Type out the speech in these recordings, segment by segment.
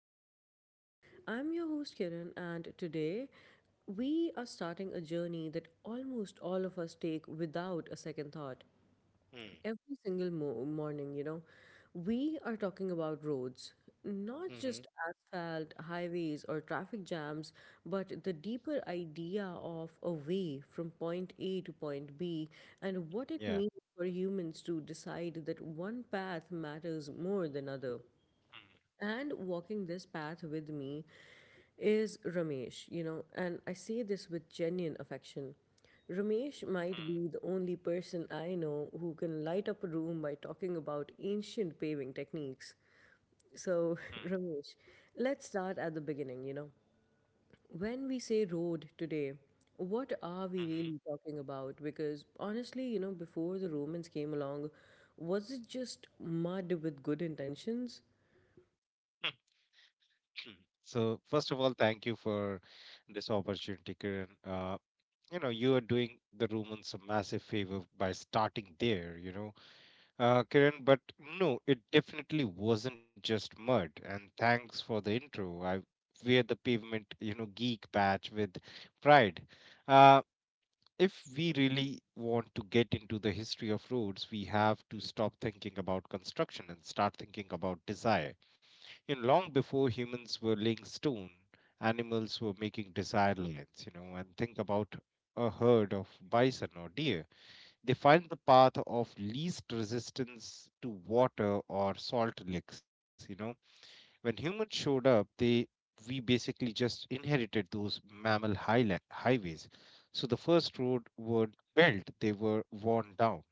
Mind Pod. I'm your host Kiran, and today we are starting a journey that almost all of us take without a second thought every Mm. single morning. We are talking about roads, not just Mhm. asphalt, highways, or traffic jams, but the deeper idea of a way from point A to point B, and what it Yeah. means for humans to decide that one path matters more than other. Mm. And walking this path with me is Ramesh, and I say this with genuine affection. Ramesh might be the only person I know who can light up a room by talking about ancient paving techniques. So, Mm. Mm. Ramesh, let's start at the beginning. When we say road today, what are we Mhm. really talking about? Because honestly, before the Romans came along, was it just mud with good intentions? So first of all, thank you for this opportunity, Kiran. You are doing the Romans a massive favor by starting there, Kiran. But no, it definitely wasn't just mud. And thanks for the intro. I wear the pavement, geek badge with pride. Uh, if we really want to get into the history of roads, we have to stop thinking about construction and start thinking about desire. Long before humans were laying stone, animals were making desire lines, and think about a herd of bison or deer. They find the path of least resistance to water or salt licks. When humans showed up, they we basically just inherited those mammal highways. So the first road were built; they were worn down.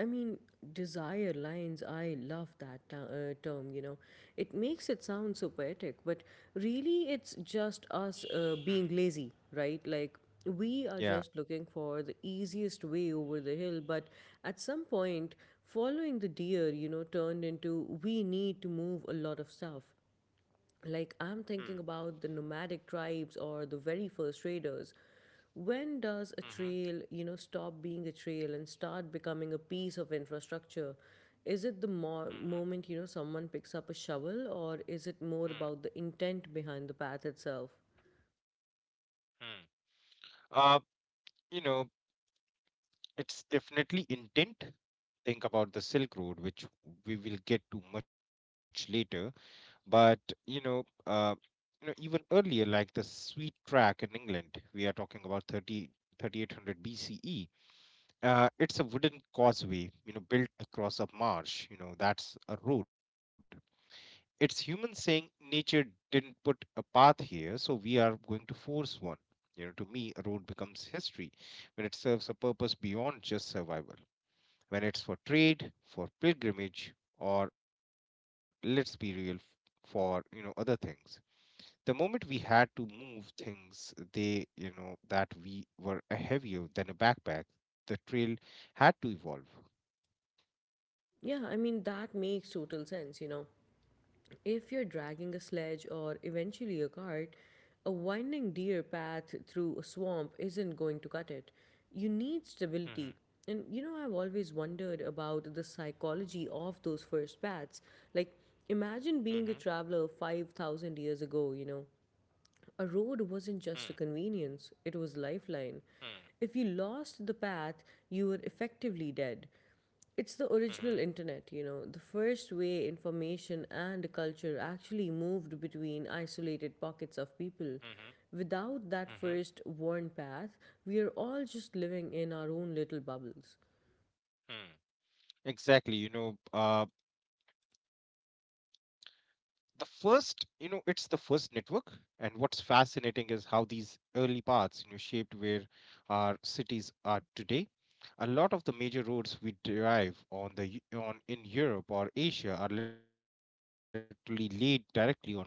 I mean, desire lines, I love that term, you know. It makes it sound so poetic, but really it's just us Hmm. being lazy, right? Like, we are Yeah. just looking for the easiest way over the hill, but at some point, following the deer, turned into we need to move a lot of stuff. Like, I'm Hmm. thinking about the nomadic tribes or the very first raiders. When does a Mhm. trail stop being a trail and start becoming a piece of infrastructure? Is it the moment Mhm. Someone picks up a shovel, or is it Hmm. more about the intent behind the path itself? Hmm. Uh, you know, it's definitely intent. Think about the Silk Road, which we will get to much later. But you know, uh, even earlier, like the Sweet Track in England, we are talking about thirty thirty eight hundred BCE. It's a wooden causeway, built across a marsh. That's a road. It's humans saying nature didn't put a path here, so we are going to force one. To me, a road becomes history when it serves a purpose beyond just survival. When it's for trade, for pilgrimage, or let's be real, for other things. The moment we had to move things, they that we were heavier than a backpack, the trail had to evolve. Yeah, I mean, that makes total sense, you know. If you're dragging a sledge or eventually a cart, a winding deer path through a swamp isn't going to cut it. You need Mhm. stability. And you know, I've always wondered about the psychology of those first paths. Like, Mhm. imagine being a traveler 5,000 years ago, you know, a road wasn't Mm. just a convenience, it was a lifeline. Mm. If you lost the path, you were effectively dead. It's the Mhm. original internet, you know, the first way information and culture actually moved between isolated pockets of people. Mhm. Without that Mhm. first worn path, we are all just living in our own little bubbles. Mm. Exactly. The first you know it's the first network, and what's fascinating is how these early paths shaped where our cities are today. A lot of the major roads we drive on in Europe or Asia are literally laid directly on top of paths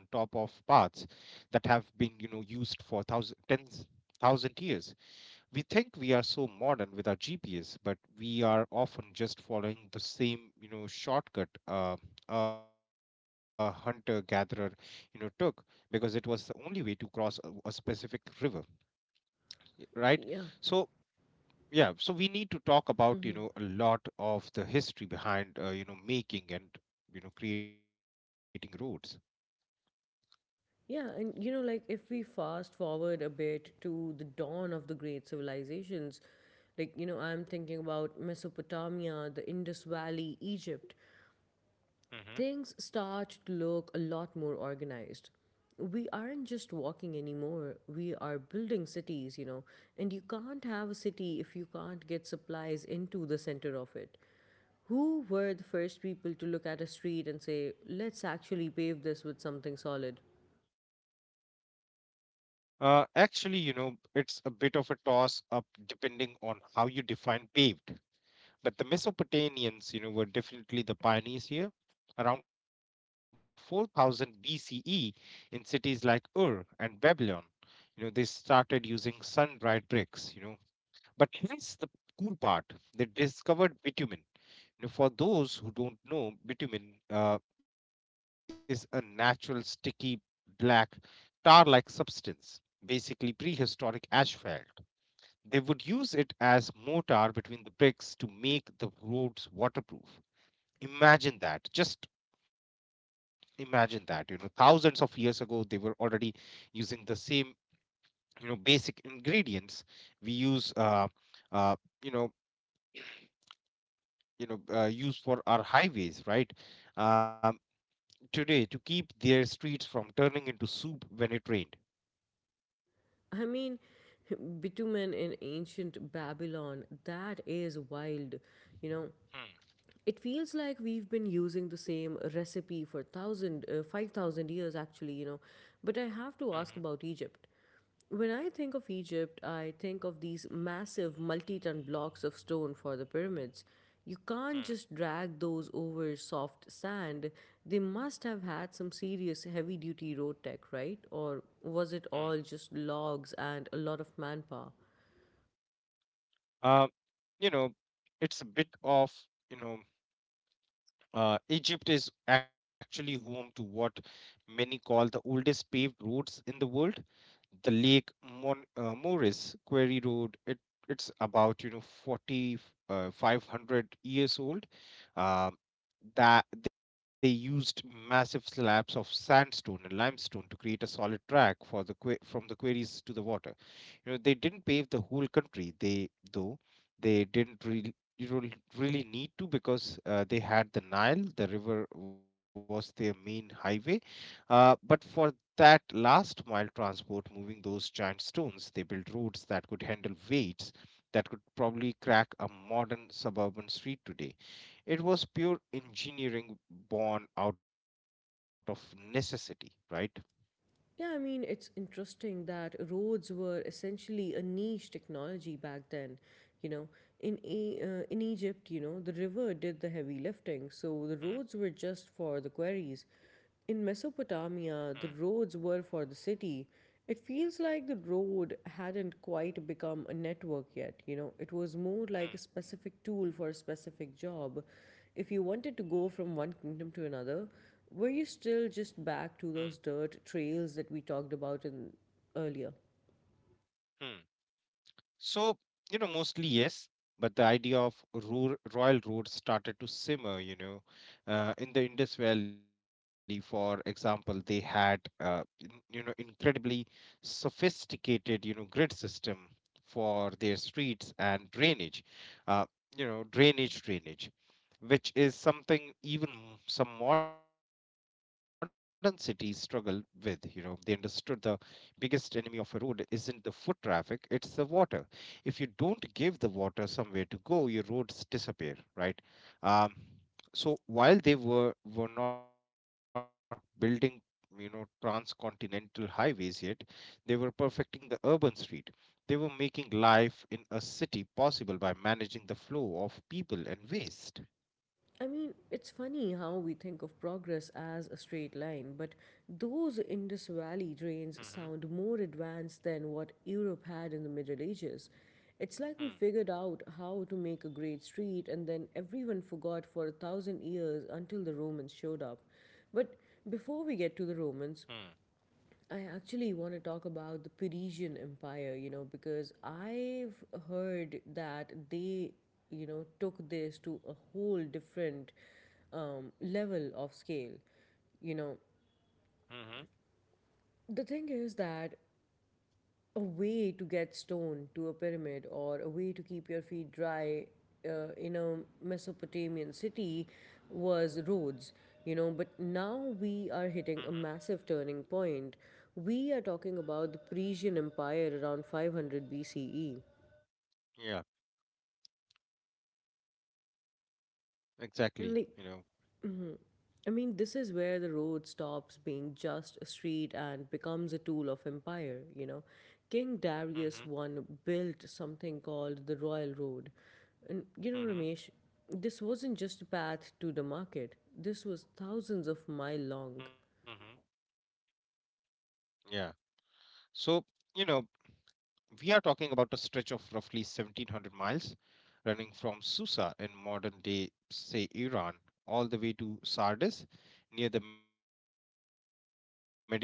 that have been, used for thousands, tens thousand years. We think we are so modern with our GPS, but we are often just following the same, shortcut a hunter-gatherer, took because it was the only way to cross a specific river, right? Yeah. So, yeah, so we need to talk about Mm-hmm. A lot of the history behind, making and creating roads. Yeah, and you know, like if we fast forward a bit to the dawn of the great civilizations, like, you know, I'm thinking about Mesopotamia, the Indus Valley, Egypt, Hmm. things start to look a lot more organized. We aren't just walking anymore, we are building cities, you know, and you can't have a city if you can't get supplies into the center of it. Who were the first people to look at a street and say, let's actually pave this with something solid? Actually, it's a bit of a toss up depending on how you define paved. But the Mesopotamians, were definitely the pioneers here. Around 4000 BCE, in cities like Ur and Babylon, they started using sun-dried bricks. But here's the cool part: they discovered bitumen. For those who don't know, bitumen is a natural sticky black tar-like substance, basically prehistoric asphalt. They would use it as mortar between the bricks to make the roads waterproof. Imagine that. Just imagine that. Thousands of years ago, they were already using the same, basic ingredients we use, uh, you know, you know, use for our highways, right? Um, Today to keep their streets from turning into soup when it rained. I mean, bitumen in ancient Babylon, that is wild, you know. Hmm. It feels like we've been using the same recipe for thousand, 5,000 years, actually, you know. But I have to Mhm. ask about Egypt. When I think of Egypt, I think of these massive multi ton blocks of stone for the pyramids. You can't Hmm. just drag those over soft sand. They must have had some serious heavy duty road tech, right? Or was it all just logs and a lot of manpower? Hmm. You know, it's a bit of you know Egypt is actually home to what many call the oldest paved roads in the world. The Lake Mon Moeris Quarry Road. It's about 40 500 years old. Um, that they used massive slabs of sandstone and limestone to create a solid track for the from the quarries to the water. They didn't pave the whole country. They didn't really really need to because they had the Nile. The river was their main highway. But for that last mile transport, moving those giant stones, they built roads that could handle weights that could probably crack a modern suburban street today. It was pure engineering born out of necessity, right? Yeah, I mean, it's interesting that roads were essentially a niche technology back then. You know, in in Egypt, you know, the river did the heavy lifting, so the Hmm. roads were just for the quarries. In Hmm. Mesopotamia, the roads were for the city. It feels like the road hadn't quite become a network yet, you know. It was more Hmm. like a specific tool for a specific job. If you wanted to go from one kingdom to another, were you Hmm. still just back to those dirt trails that we talked about in earlier? Hmm. So, mostly yes, but the idea of rural, Royal Road started to simmer. In the Indus Valley, for example, they had, in- you know, incredibly sophisticated, grid system for their streets and drainage, uh, drainage. Which is something even some modern cities struggle with. They understood the biggest enemy of a road isn't the foot traffic, it's the water. If you don't give the water somewhere to go, your roads disappear, right? Um, so while they were not building, transcontinental highways yet, they were perfecting the urban street. They were making life in a city possible by managing the flow of people and waste. I mean, it's funny how we think of progress as a straight line, but those Mm-hmm. Indus Valley drains sound more advanced than what Europe had in the Middle Ages. Mm-hmm. It's like we figured out how to make a great street and then everyone forgot for a thousand years until the Romans showed up. But before we get to the Romans, I actually want to talk about the Parisian Empire, you know, because I've heard that they, you know, took this to a whole different level of scale. You Mm-hmm. know, the thing is that a way to get stone to a pyramid or a way to keep your feet dry in a Mesopotamian city was roads, you know. But now Mm-hmm. we are hitting a massive turning point. We are talking about the Persian Empire around 500 BCE. Yeah, And exactly. like Mhm. I mean, this is where the road stops being just a street and becomes a tool of empire, you know. King Mm-hmm. Darius one built something called the Royal Road. And, you know, Mm-hmm. Ramesh, this wasn't just a path to the market, this was thousands of Mm-hmm. mile long. Yeah. So, you know, we are talking about a stretch of roughly 1700 miles running from Susa in modern day, say, Iran, all the way to Sardis near the Mediterranean coast in Turkey.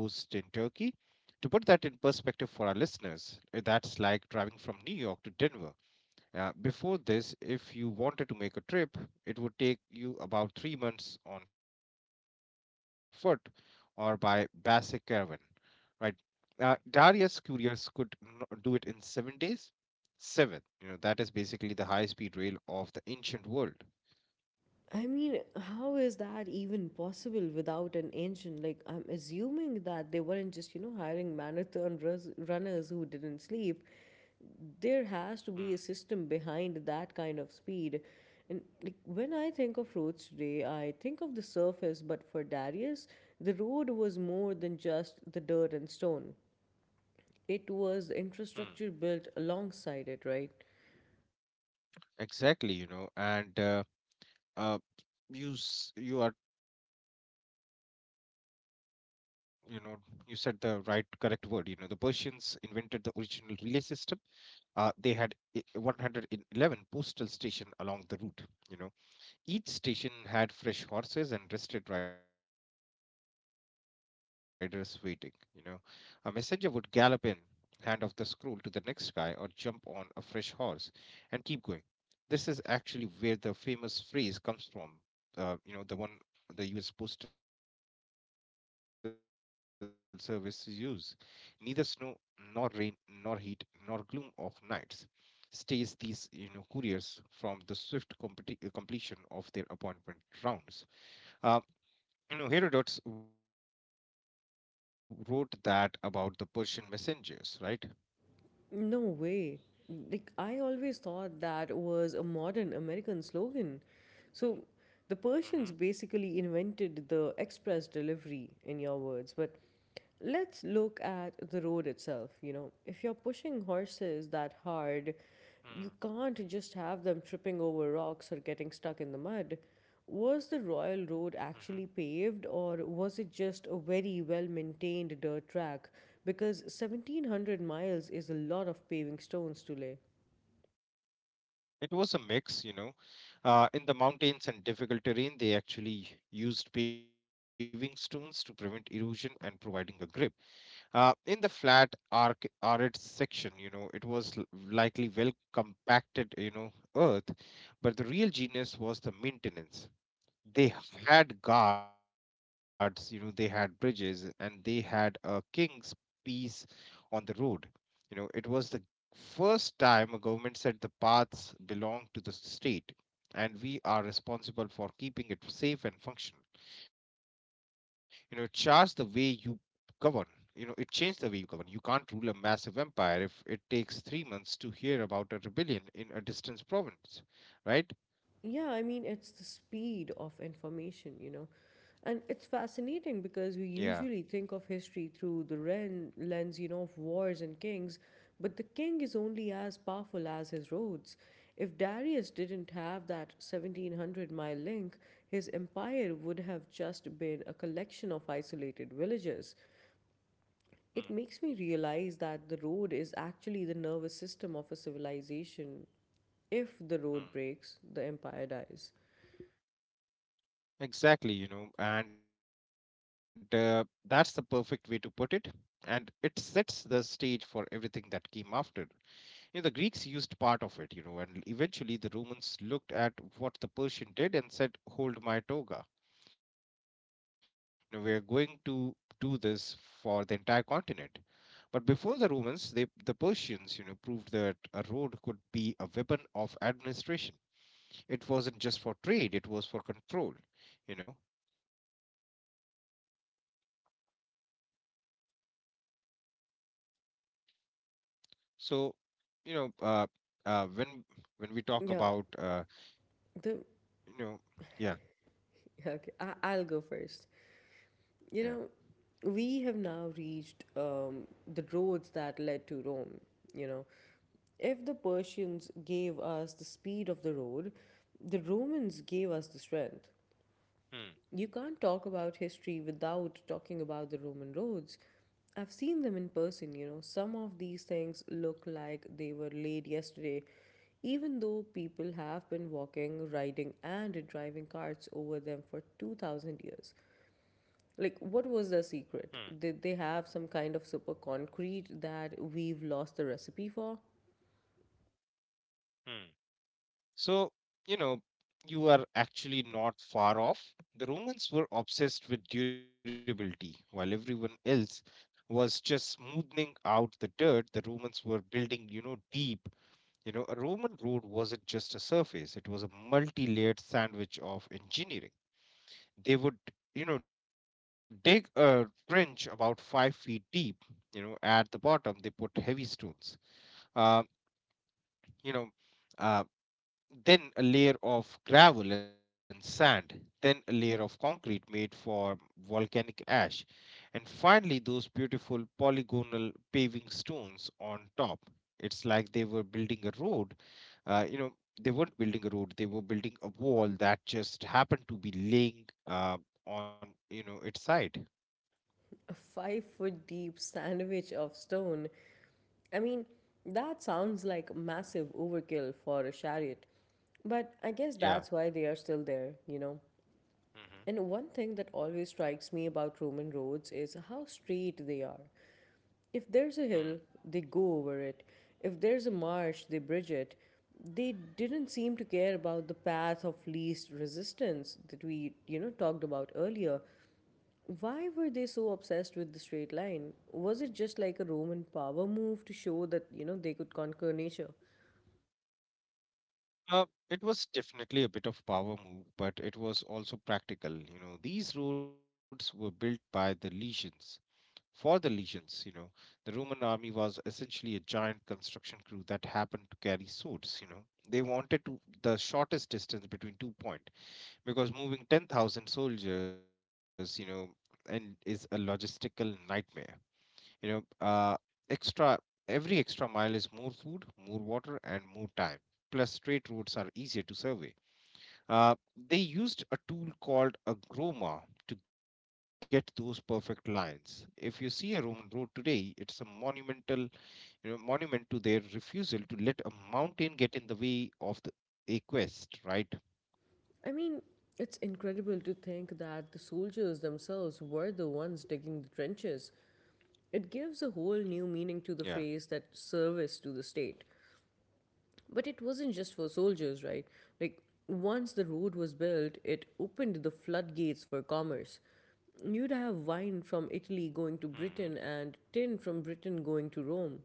To put that in perspective for our listeners, that's like driving from New York to Denver. Before this, if you wanted to make a trip, it would take you about 3 months on foot or by basic caravan. Right. Darius Curious could do it in 7 days. Seven. That is basically the high speed rail of the ancient world. I mean, how is that even possible without an engine? Like, I'm assuming that they weren't just, you know, hiring marathon runners who didn't sleep. There has to Hmm. be a system behind that kind of speed. And like when I think of roads today, I think of the surface, but for Darius, the road was more than just the dirt and stone. It was the Hmm. infrastructure built alongside it, right? Exactly, and uh, you are you know you said the right correct word. The Persians invented the original relay system. They had 111 postal station along the route. You know, Each station had fresh horses and rested riders waiting. You know, a messenger would gallop in, hand off the scroll to the next guy, or jump on a fresh horse and keep going. This is actually where the famous phrase comes from. The one the U.S. Postal Service use. Neither snow, nor rain, nor heat, nor gloom of nights stays these, couriers from the swift completion of their appointment rounds. Uh, Herodotus wrote that about the Persian messengers, right? No way. Like, I always thought that was a modern American slogan. So, the Persians Mm-hmm. basically invented the express delivery, in your words, but let's look at the road itself. You know, if you're pushing horses that hard, you can't just have them tripping over rocks or getting stuck in the mud. Was the Royal Road actually Mm-hmm. paved, or was it just a very well maintained dirt track? Because 1700 miles is a lot of paving stones to lay. It was a mix. In the mountains and difficult terrain, they actually used paving stones to prevent erosion and providing a grip. In the flat, arid section, it was likely well compacted, earth. But the real genius was the maintenance. They had guards, they had bridges, and they had a king's piece on the road. It was the first time a government said the paths belong to the state, and we are responsible for keeping it safe and functional. Charge the way you govern. It changed the way you govern. You can't rule a massive empire if it takes 3 months to hear about a rebellion in a distant province, Yeah, right? I mean, it's the speed of information, you know. And it's fascinating Yeah. because we usually think of history through the lens, you know, of wars and kings, but the king is only as powerful as his roads. If Darius didn't have that 1700 mile link, his empire would have just been a collection of isolated villages. Hmm. It makes me realize that the road is actually the nervous system of a civilization. If the Hmm. road breaks, the empire dies. Exactly, and that's the perfect way to put it. And it sets the stage for everything that came after. The Greeks used part of it, and eventually the Romans looked at what the Persian did and said, "Hold my toga." We are going to do this for the entire continent. But before the Romans, the Persians, proved that a road could be a weapon of administration. It wasn't just for trade, it was for control, you know So, you know, uh, when we talk Yeah. about, The you know, yeah, okay, I'll go first. You know, yeah. we have now reached the roads that led to Rome. You know, if the Persians gave us the speed of the road, the Romans gave us the strength. You can't Hmm. talk about history without talking about the Roman roads. I've seen them in person, you know. Some of these things look like they were laid yesterday, even though people have been walking, riding, and driving carts over them for 2000 years. Like, what was their Hmm. secret? Did they have some kind of super concrete that we've lost the recipe for? Hmm. So, you know, you are actually not far off. The Romans were obsessed with durability, while everyone else was just smoothing out the dirt. The Romans were building, deep. A Roman road wasn't just a surface, it was a multi layered sandwich of engineering. They would, dig a trench about 5 feet deep. At the bottom they put heavy stones, uh, you know uh, then a layer of gravel and sand, then a layer of concrete made for volcanic ash, and finally those beautiful polygonal paving stones on top. It's like they were building a road uh, you know they weren't building a road, they were building a wall that just happened to be laying, on its side. A 5 foot deep sandwich of stone. I mean, that sounds like massive overkill for a chariot. But I guess that's why they Yeah. are still there, you know? And one Mm-hmm. thing that always strikes me about Roman roads is how straight they are. If there's a hill, Hmm. they go over it. If there's a marsh, they bridge it. They didn't seem to care about the path of least resistance that we, you know, talked about earlier. Why were they so obsessed with the straight line? Was it just like a Roman power move to show that, you know, they could conquer nature? Uh, it was definitely a bit of power move, but it was also practical. These roads were built by the legions for the legions. The Roman army was essentially a giant construction crew that happened to carry swords. You know, they wanted to the shortest distance between two point because moving 10,000 soldiers, and is a logistical nightmare. you know uh, extra Every extra mile is more food, more water, and more time. Plus, straight roads are easier to survey. uh, they used a tool called a groma to get those perfect lines. If you see a Roman road today, it's a monumental, monument to their refusal to let a mountain get in the way of the a quest, right? I mean, it's incredible to think that the soldiers themselves were the ones digging the trenches. It gives a whole Yeah. new meaning to the phrase that service to the state. But it wasn't just for soldiers, right? Like, once the road was built, it opened the floodgates for commerce. You'd have wine Hmm. from Italy going to Britain and tin from Britain going to Rome.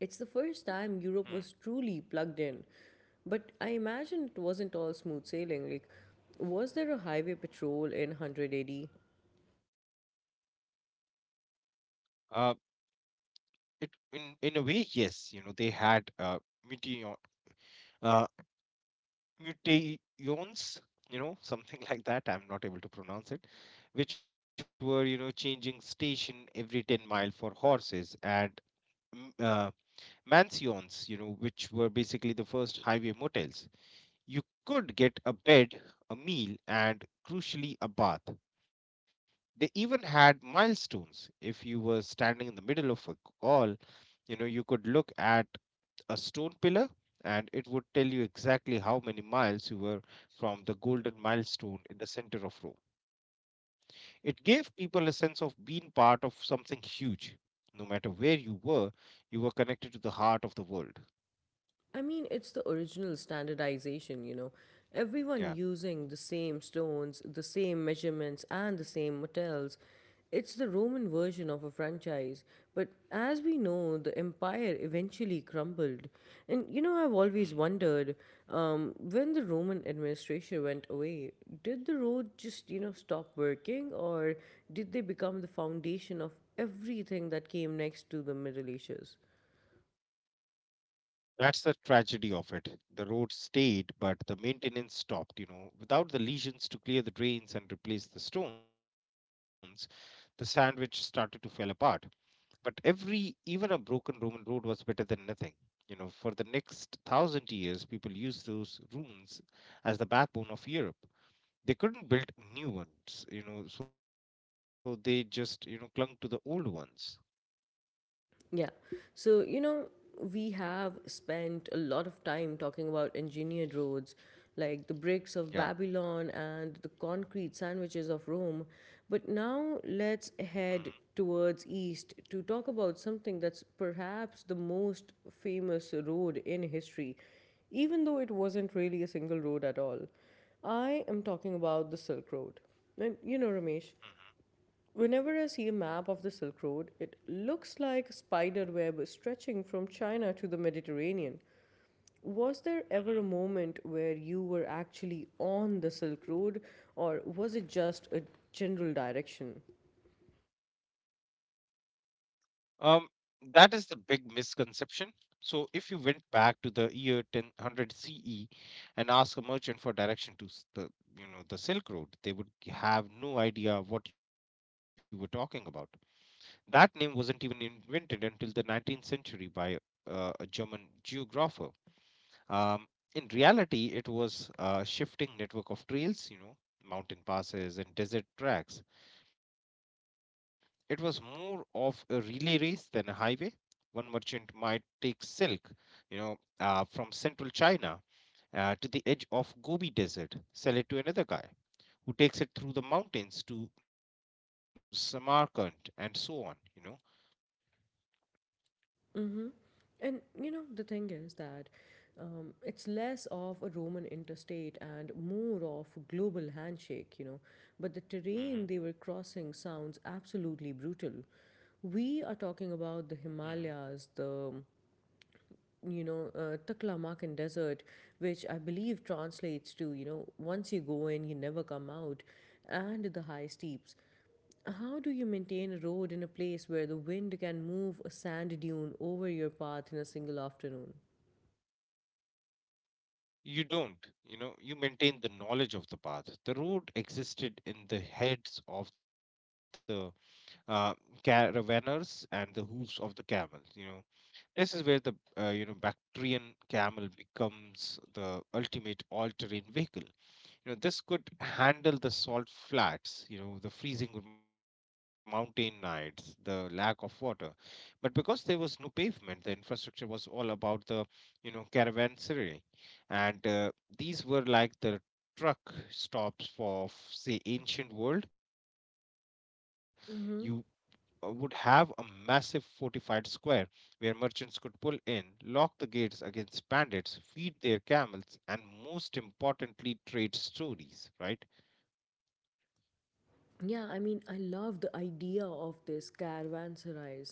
It's the first Hmm. time Europe was truly plugged in. But I imagine it wasn't all smooth sailing. Like, was there a highway patrol in 100 AD? uh, it In a way, yes. You know, they had meteor, uh, mutations, you know, something like that. I'm not able to pronounce it, which were, you know, changing station every 10 mile for horses, and m- uh, mansions, you know, which were basically the first highway motels. You could get a bed, a meal, and crucially, a bath. They even had milestones. If you were standing in the middle of a hall, you know, you could look at a stone pillar, and it would tell you exactly how many miles you were from the golden milestone in the center of Rome. It gave people a sense of being part of something huge. No matter where you were connected to the heart of the world. I mean, it's the original standardization, you know. Everyone Yeah. using the same stones, the same measurements, and the same metals. It's the Roman version of a franchise. But as we know, the empire eventually crumbled. And, you know, I've always Hmm. wondered when the Roman administration went away, did the road just, you know, stop working, or did they become the foundation of everything that came next to the Middle Ages? That's the tragedy of it. The road stayed, but the maintenance stopped, you know. Without the legions to clear the drains and replace the stones, the sandwich started to fall apart. But even a broken Roman road was better than nothing. You know, for the next 1,000 years, people used those ruins as the backbone of Europe. They couldn't build new ones, you know, so they just, clung to the old ones. Yeah. So, you know, we have spent a lot of time talking about engineered roads, like the bricks of Yeah. Babylon and the concrete sandwiches of Rome. But now let's Mhm, head towards east to talk about something that's perhaps the most famous road in history, even though it wasn't really a single road at all. I am talking about the Silk Road. And you know, Ramesh, whenever I see a map of the Silk Road, it looks like a spider web stretching from China to the Mediterranean. Was there ever a mhm. moment where you were actually on the Silk Road, or was it just a general direction? Um, that is the big misconception. So, if you went back to the year 1000 CE and asked a merchant for direction to you know, the Silk Road, they would have no idea what you were talking about. That name wasn't even invented until the 19th century by a German geographer. Um, in reality, it was a shifting network of trails, you know, mountain passes and desert tracks. It was more of a relay race than a highway. One merchant might take silk, you know, from central China to the edge of Gobi Desert, sell it to another guy who takes it through the mountains to Samarkand, and so on, you know. And you know, the thing is that it's less of a Roman interstate and more of a global handshake, you know. But the terrain they were crossing Hmm. sounds absolutely brutal. We are talking about the Himalayas, the Taklamakan Desert, which I believe translates to, you know, once you go in, you never come out, and the high steeps. How do you maintain a road in a place where the wind can move a sand dune over your path in a single afternoon? You don't, you know, you maintain the knowledge of the path. The road existed in the heads of the uh, caravanners and the hooves of the camels. You know, this is where the you know Bactrian camel becomes the ultimate all-terrain vehicle. You know, this could handle the salt flats, you know, the freezing mountain nights, the lack of water. But because there was no pavement, the infrastructure was all about you know, caravanserai. And these were like the truck stops for, say, ancient world. You Mm-hmm. Would have a massive fortified square where merchants could pull in, lock the gates against bandits, feed their camels, and most importantly, trade stories, right? Yeah, I mean, I love the idea of this caravanserais.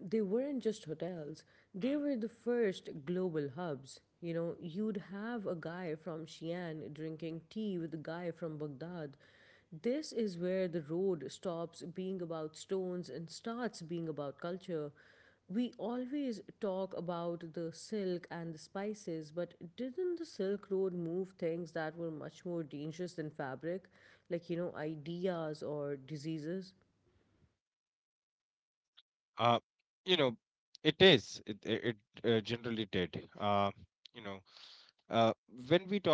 They weren't just hotels, they were the Hmm. first global hubs. You know, you'd have a guy from Xi'an drinking tea with a guy from Baghdad. This is where the road stops being about stones and starts being about culture. We always talk about the silk and the spices, but didn't the Silk Road move things that were much more dangerous than fabric, like, you know, ideas or diseases? Uh, you know, it is. It generally did. You know,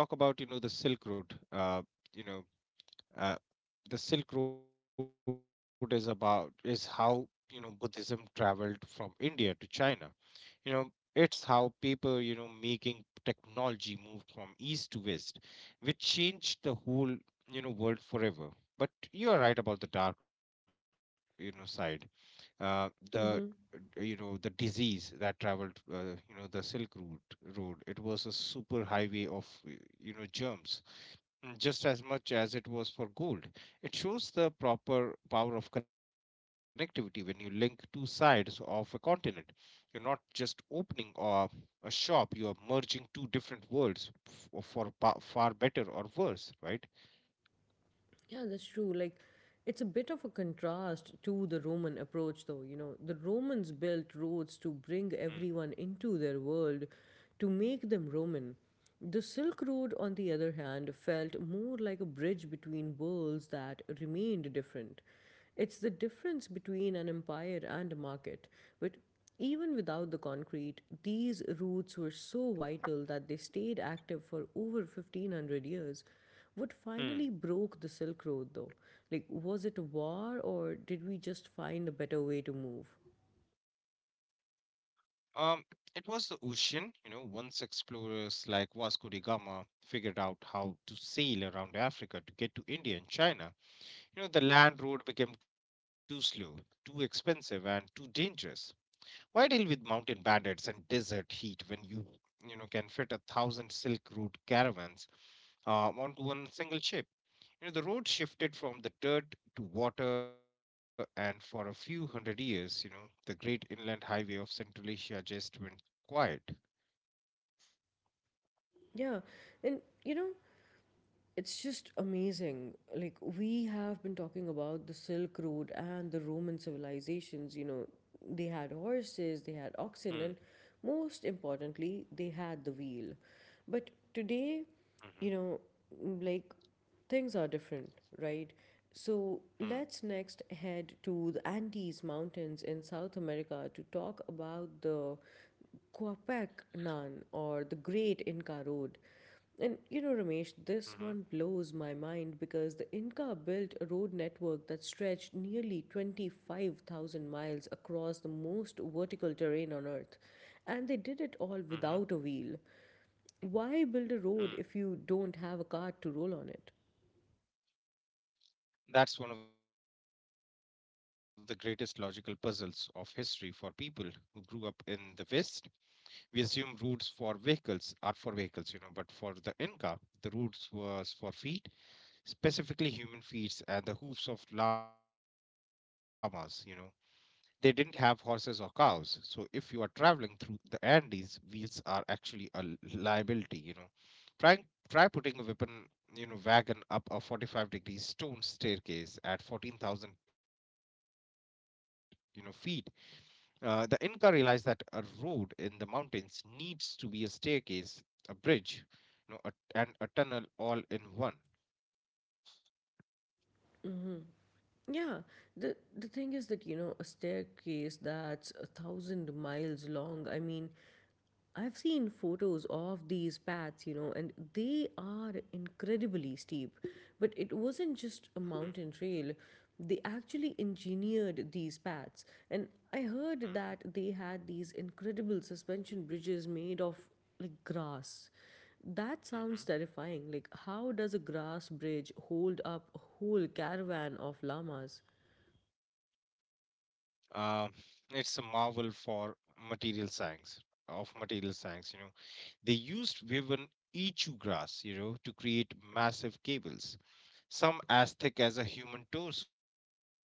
uh, when we talk about, you know, the Silk Road, you know, uh, the Silk Road is is how, you know, Buddhism traveled from India to China. you know it's how paper, you know, making technology moved from east to west, which changed the whole, you know, world forever. But you are right about the dark, you know, side. The You know, the disease that traveled, you know, the silk route road, it was a super highway of, you know, germs, mm, just as much as it was for gold. It shows the proper power of connectivity when you link two sides of a continent. You're not just opening a shop, you are merging two different worlds for far better or worse, right? Yeah, that's true. Like, it's a bit of a contrast to the Roman approach, though. You know, the Romans built roads to bring Hmm. everyone into their world, to make them Roman. The Silk Road, on the other hand, felt more like a bridge between worlds that remained different. It's the difference between an empire and a market. But even without the concrete, these routes were so vital that they stayed active for over 1500 years. What finally broke the Hmm. Silk Road, though? Like, was it a war, or did we just find a better way to move? Um, it was the ocean, you know, once explorers like Vasco da Gama figured out how to sail around Africa to get to India and China. You know, the land road became too slow, too expensive, and too dangerous. Why deal with mountain bandits and desert heat when you know, can fit 1,000 Silk Road caravans onto one single ship? You know, the road shifted from the dirt to water, and for a few hundred years, you know, the great inland highway of Central Asia just went quiet. Yeah, and you know, it's just amazing. Like, we have been talking about the Silk Road and the Roman civilizations, you know, they had horses, they had Hmm. oxen, and most importantly, they had the wheel. But today, Hmm. you know, like, things are different, right? So Hmm. let's next head to the Andes Mountains in South America to talk about the Quapac Nan or the Great Inca Road. And you know, Ramesh, Hmm. this one blows my mind because the Inca built a road network that stretched nearly 25,000 miles across the most vertical terrain on Earth. And they did it all without a Hmm. wheel. Why build a road if Hmm. you don't have a cart to roll on it? That's one of the greatest logical puzzles of history. For people who grew up in the West, we assume routes for vehicles are for vehicles, you know, but for the Inca, the routes was for feet, specifically human feet and the hoofs of llamas, you know. They didn't have horses or cows, so if you are traveling through the Andes, wheels are actually a liability, you know. Try, try putting a wagon up a 45-degree stone staircase at 14,000, you know, feet. The Inca realized that a road in the mountains needs to be a staircase, a bridge, you know, a, and a tunnel all in one. Yeah, the thing is that, you know, a staircase that's a thousand miles long. I mean, I've seen photos of these paths, you know, and they are incredibly steep. But it wasn't just a mountain trail, they actually engineered these paths. And I heard Mhm, that they had these incredible suspension bridges made of like grass. That sounds mhm, terrifying. Like, how does a grass bridge hold up a whole caravan of llamas? mhm. It's a marvel for material science, material science, you know. They used woven ichu grass, you know, to create massive cables, some as thick as a human torso.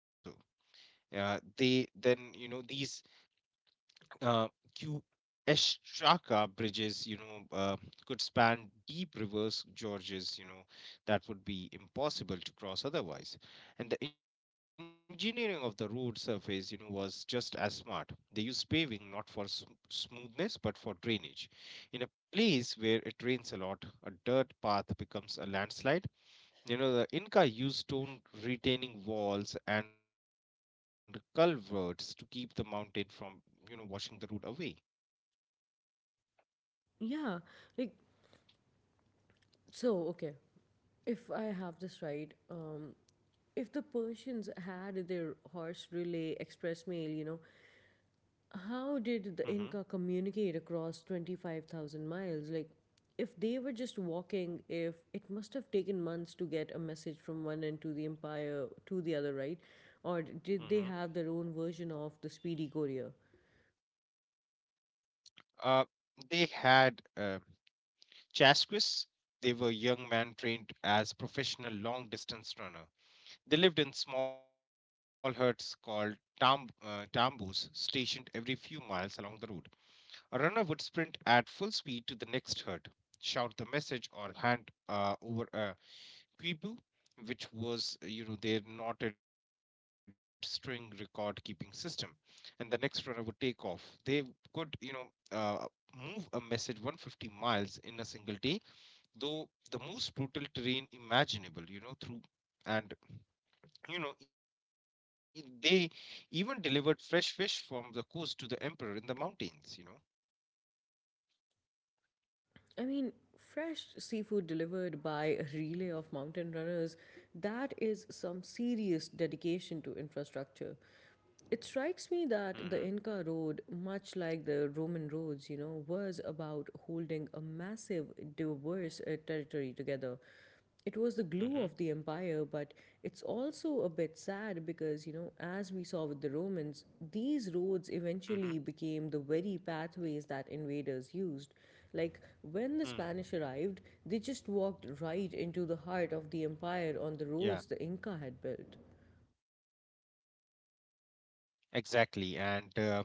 They then, you know, these uh, Kueshaka bridges, could span deep rivers, gorges, you know, that would be impossible to cross otherwise. And the engineering of the road surface, you know, was just as smart. They used paving not for smoothness but for drainage. In a place where it rains a lot, a dirt path becomes a landslide. You know, the Inca used stone retaining walls and culverts to keep the mountain from, you know, washing the road away. Yeah, like, so okay. If I have this right, if the Persians had their horse relay express mail, you know, how Hmm. did the Inca communicate across 25,000 miles? Like, if they were just walking, if it must have taken months to get a message from one end to the empire to the other, right? Or Hmm. did they have their own version of the speedy courier? Uh, they had Chasquis. They were young men trained as professional long distance runner. They lived in small huts called tambos, stationed every few miles along the road. A runner would sprint at full speed to the next herd, shout the message, or hand over a quipu, which was, you know, their knotted string record keeping system, and the next runner would take off. They could, you know, uh, move a message 150 miles in a single day, though the most brutal terrain imaginable. You know through and you know e- they even delivered fresh fish from the coast to the emperor in the mountains. You know. I mean, fresh seafood delivered by a relay of mountain runners, that is some serious dedication to infrastructure. It strikes me Mm-hmm. that the Inca Road, much like the Roman roads, you know, was about holding a massive, diverse territory together. It was the glue of Mm-hmm. the empire, but it's also a bit sad because, you know, as we saw with the Romans, these roads Mm-hmm. eventually became the very pathways that invaders used. Like, Mm. when the Spanish arrived, they just walked right into the heart of the empire on the Yeah, roads the Inca had built. exactly. And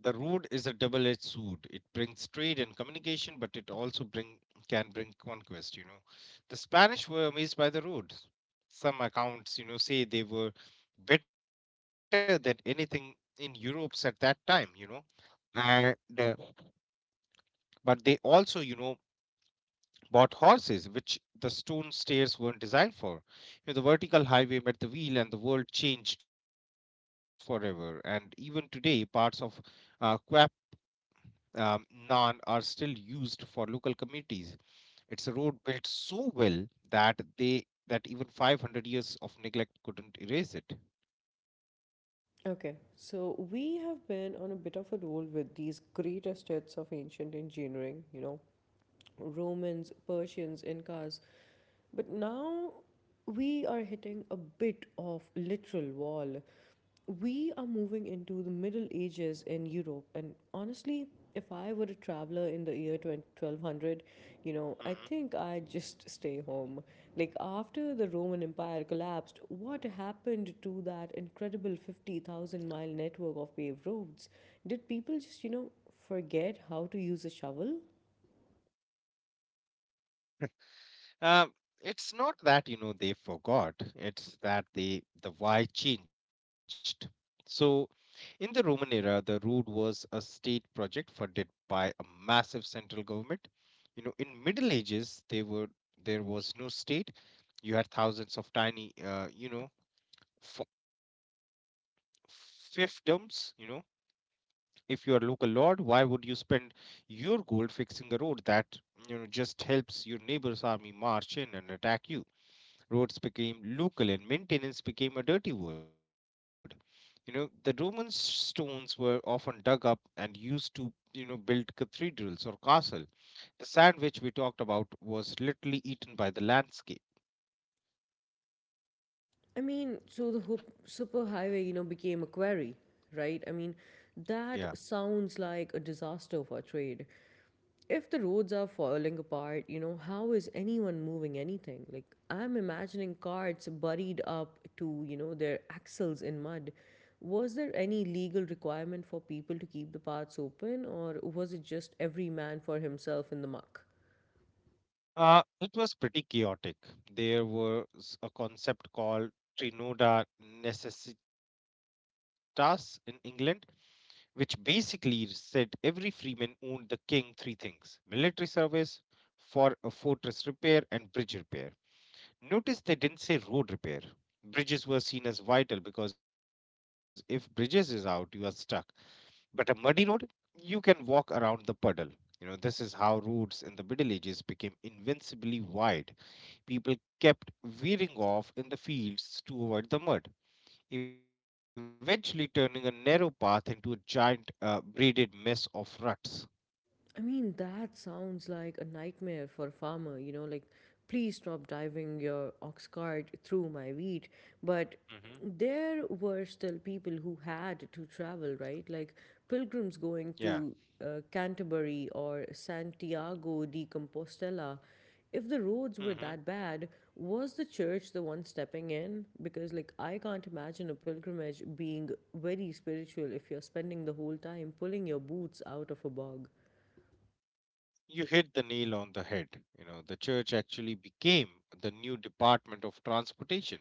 the road is a double-edged sword. It brings trade and communication, but it also bring can bring conquest, you know. The Spanish were amazed by the road. Some accounts, you know, say they were better than anything in Europe's at that time, you know. And uh, but they also, you know, bought horses, which the stone stairs weren't designed for. You know, the vertical highway met the wheel, and the world changed forever. And even today, parts of Quap, Nan are still used for local communities. It's a road built so well that even 500 years of neglect couldn't erase it. Okay, so we have been on a bit of a roll with these greatest hits of ancient engineering, you know, Romans, Persians, Incas. But now we are hitting a bit of literal wall. We are moving into the Middle Ages in Europe, and honestly, if I were a traveler in the year 20 1200, you know, Mhm. I think I'd just stay home. Like, after the Roman Empire collapsed, what happened to that incredible 50,000 mile network of paved roads? Did people just, you know, forget how to use a shovel? Um, it's not that, you know, they forgot; it's that the why changed. So, in the Roman era, the road was a state project funded by a massive central government. You know, in Middle Ages, they were there was no state. You had thousands of tiny, f- fiefdoms. You know, if you are local lord, why would you spend your gold fixing a road that, you know, just helps your neighbor's army march in and attack you? Roads became local, and maintenance became a dirty word. You know, the Roman stones were often dug up and used to, you know, build cathedrals or castle. The sand which we talked about was literally eaten by the landscape. I mean, so the hup- superhighway, you know, became a quarry, right? I mean, Yeah. that sounds like a disaster for trade. If the roads are falling apart, you know, how is anyone moving anything? Like, I'm imagining carts buried up to, you know, their axles in mud. Was there any legal requirement for people to keep the paths open, or was it just every man for himself in the muck? It was pretty chaotic. There was a concept called Trinoda necessitas in England, which basically said every freeman owned the king three things: military service, for a fortress repair, and bridge repair. Notice they didn't say road repair. Bridges were seen as vital because if bridges is out, you are stuck. But a muddy road, you can walk around the puddle. You know, this is how roads in the Middle Ages became invincibly wide. People kept veering off in the fields to avoid the mud, eventually turning a narrow path into a giant, braided mess of ruts. I mean, that sounds like a nightmare for a farmer, you know, like, please stop driving your ox cart through my wheat. But Mm-hmm. there were still people who had to travel, right? Like, pilgrims Yeah. going to Canterbury or Santiago de Compostela. If the roads Mm-hmm. were that bad, was the church the one stepping in? Because, like, I can't imagine a pilgrimage being very spiritual if you're spending the whole time pulling your boots out of a bog. You hit the nail on the head. You know, the church actually became the new department of transportation.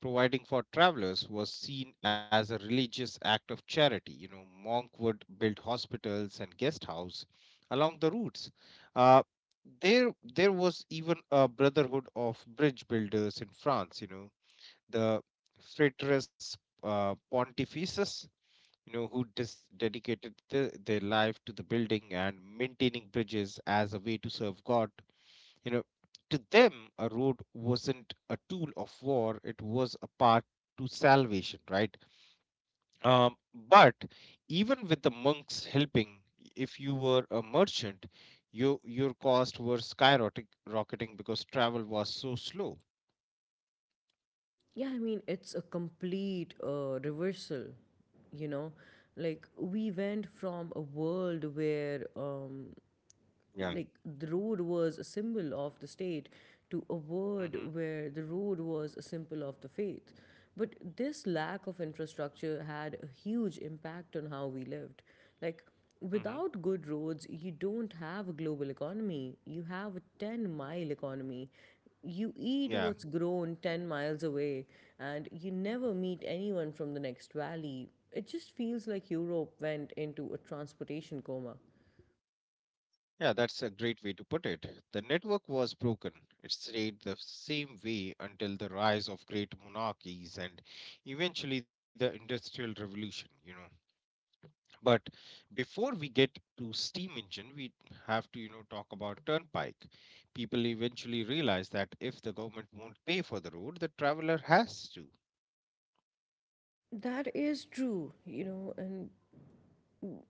Providing for travelers was seen as a religious act of charity. You know, monk would build hospitals and guest house along the routes. Uh, there was even a brotherhood of bridge builders in France. The Frateris Pontifices, who dedicated their life to the building and maintaining bridges as a way to serve God. You know, to them, a road wasn't a tool of war; it was a path to salvation, right? Um, but even with the monks helping, if you were a merchant, your costs were skyrocketing rocketing because travel was so slow. Yeah, I mean, it's a complete reversal, you know? Like, we went from a world where Yeah. like the road was a symbol of the state to a word Hmm, where the road was a symbol of the faith, but this lack of infrastructure had a huge impact on how we lived. Like, hmm. without good roads you don't have a global economy, you have a 10-mile economy. You eat Yeah. what's grown 10 miles away, and you never meet anyone from the next valley. It just feels like Europe went into a transportation coma. Yeah, that's a great way to put it. The network was broken. It stayed the same way until the rise of great monarchies and eventually the Industrial Revolution, you know. But before we get to steam engine, we have to, talk about turnpike. People eventually realize that if the government won't pay for the road, the traveler has to. That is true, you know, and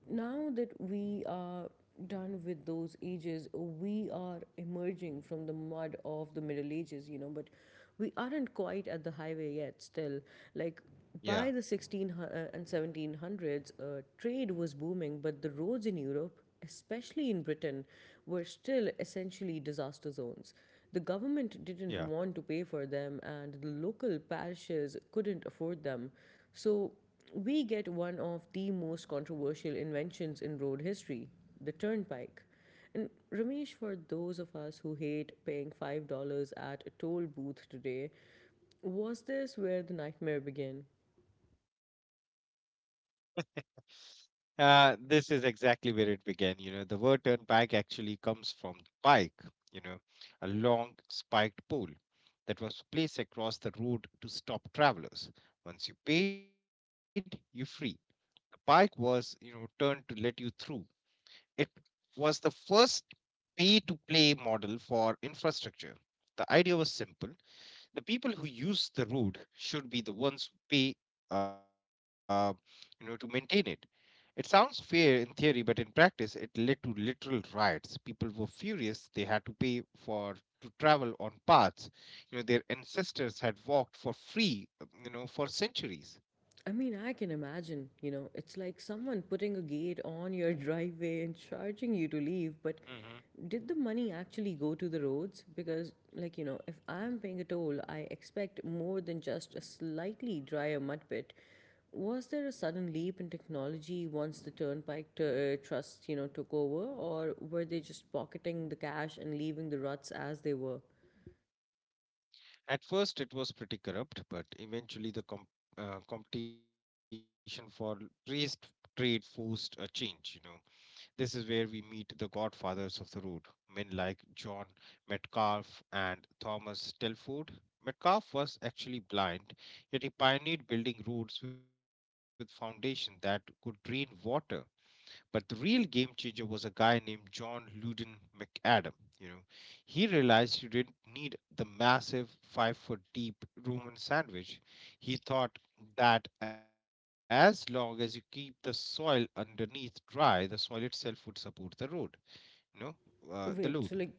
now that we are done with those ages, we are emerging from the mud of the Middle Ages, you know, but we aren't quite at the highway yet still. Like, by the Yeah, 1600s and 1700s, trade was booming, but the roads in Europe, especially in Britain, were still essentially disaster zones. The government didn't yeah. want to pay for them, and the local parishes couldn't afford them. So, we get one of the most controversial inventions in road history, the turnpike. And, Ramesh, for those of us who hate paying $5 at a toll booth today, was this where the nightmare began? This is exactly where it began. You know, the word turnpike actually comes from the pike, you know, a long spiked pole that was placed across the road to stop travelers. Once you paid, you free. The pike was, you know, turned to let you through. It was the first pay to play model for infrastructure. The idea was simple. The people who use the road should be the ones who pay, uh, to maintain it. It sounds fair in theory, but in practice, it led to literal riots. People were furious they had to pay for to travel on paths their ancestors had walked for free for I centuries. mean, I can imagine, you know, it's like someone putting a gate on your driveway and charging you to leave, but Hmm. did the money actually go to the roads? Because, like, you know, if I'm paying a toll, I expect more than just a slightly drier mud pit. Was there a sudden leap in technology once the Turnpike Trust, you know, took over, or were they just pocketing the cash and leaving the ruts as they were? At first, it was pretty corrupt, but eventually the competition for race trade forced a change. This is where we meet the godfathers of the road, men like John Metcalf and Thomas Telford. Metcalf was actually blind, yet he pioneered building roads with foundations that could drain water. But the real game changer was a guy named John Luden McAdam. You know, he realized you didn't need the massive 5-foot-deep deep Roman sandwich. He thought that as long as you keep the soil underneath dry, the soil itself would support the road. You know, the Wait, load. so, like,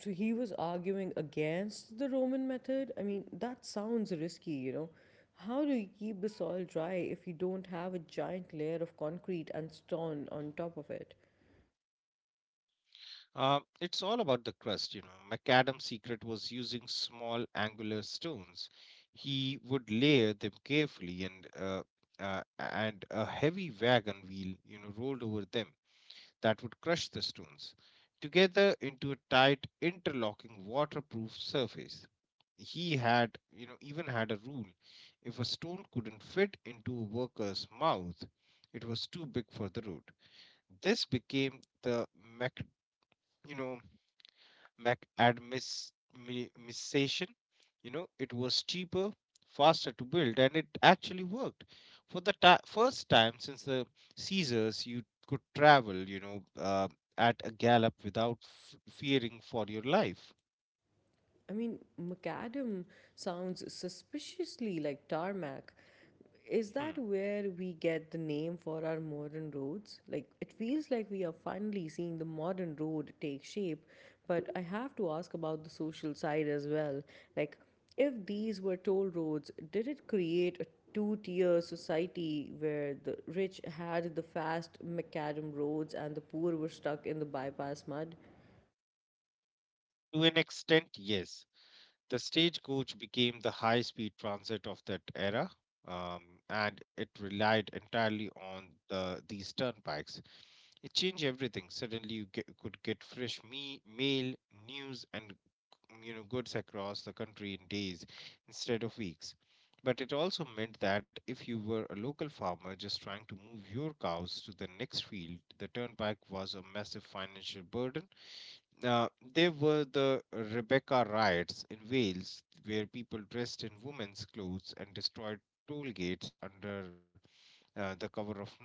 so he was arguing against the Roman method? I mean, that sounds risky, you know. How do you keep the soil dry if you don't have a giant layer of concrete and stone on top of it? It's all about the crust, you know. Macadam's secret was using small angular stones. He would layer them carefully, and a heavy wagon wheel, you know, rolled over them. That would crush the stones together into a tight, interlocking, waterproof surface. He even had a rule: if a stone couldn't fit into a worker's mouth, it was too big for the road. This became the, you know mac admis. It was cheaper, faster to build, and it actually worked for the ti first time since the Caesars. You could travel, at a gallop without fearing for your life. I mean, macadam sounds suspiciously like tarmac. Is Hmm. that where we get the name for our modern roads? Like, it feels like we are finally seeing the modern road take shape, but I have to ask about the social side as well. Like, if these were toll roads, did it create a two tier society where the rich had the fast macadam roads and the poor were stuck in the bypass mud? To an extent, yes. The stagecoach became the high speed transit of that era. Um, and it relied entirely on these turnpikes. It changed everything. Suddenly, could get fresh mail, news, and, goods across the country in days instead of weeks. But it also meant that if you were a local farmer just trying to move your cows to the next field, the turnpike was a massive financial burden. Uh, there were the Rebecca Riots in Wales, where people dressed in women's clothes and destroyed toll gates under the cover of night.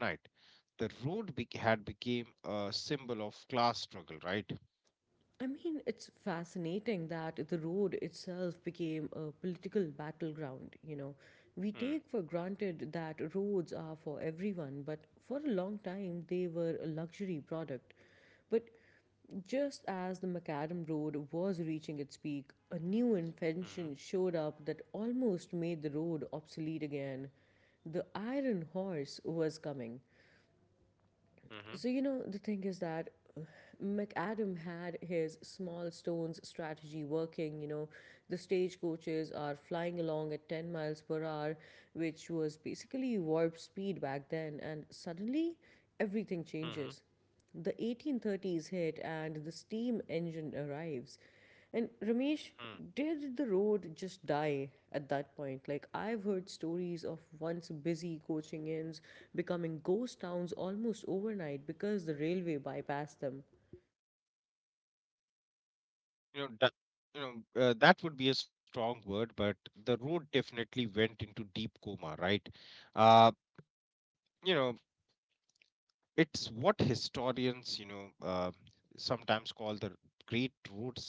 The road had become a symbol of class struggle, right? I mean, it's fascinating that the road itself became a political battleground. You know, we Mm, take for granted that roads are for everyone, but for a long time they were a luxury product. But just as the macadam road was reaching its peak, a new mhm, invention showed up that almost made the road obsolete again. The iron horse was coming. mhm, So, you know, the thing is that uh, McAdam had his small stones strategy working. You know, the stagecoaches are flying along at 10 miles per hour, which was basically warp speed back then, and suddenly everything mhm, changes. The 1830s hit and the steam engine arrives. And, Ramesh, mm. did the road just die at that point? Like, I've heard stories of once busy coaching inns becoming ghost towns almost overnight because the railway bypassed them. You know, that, that would be a strong word, but the road definitely went into deep coma, right? Uh, you know, it's what historians, sometimes call the Great Road Silence.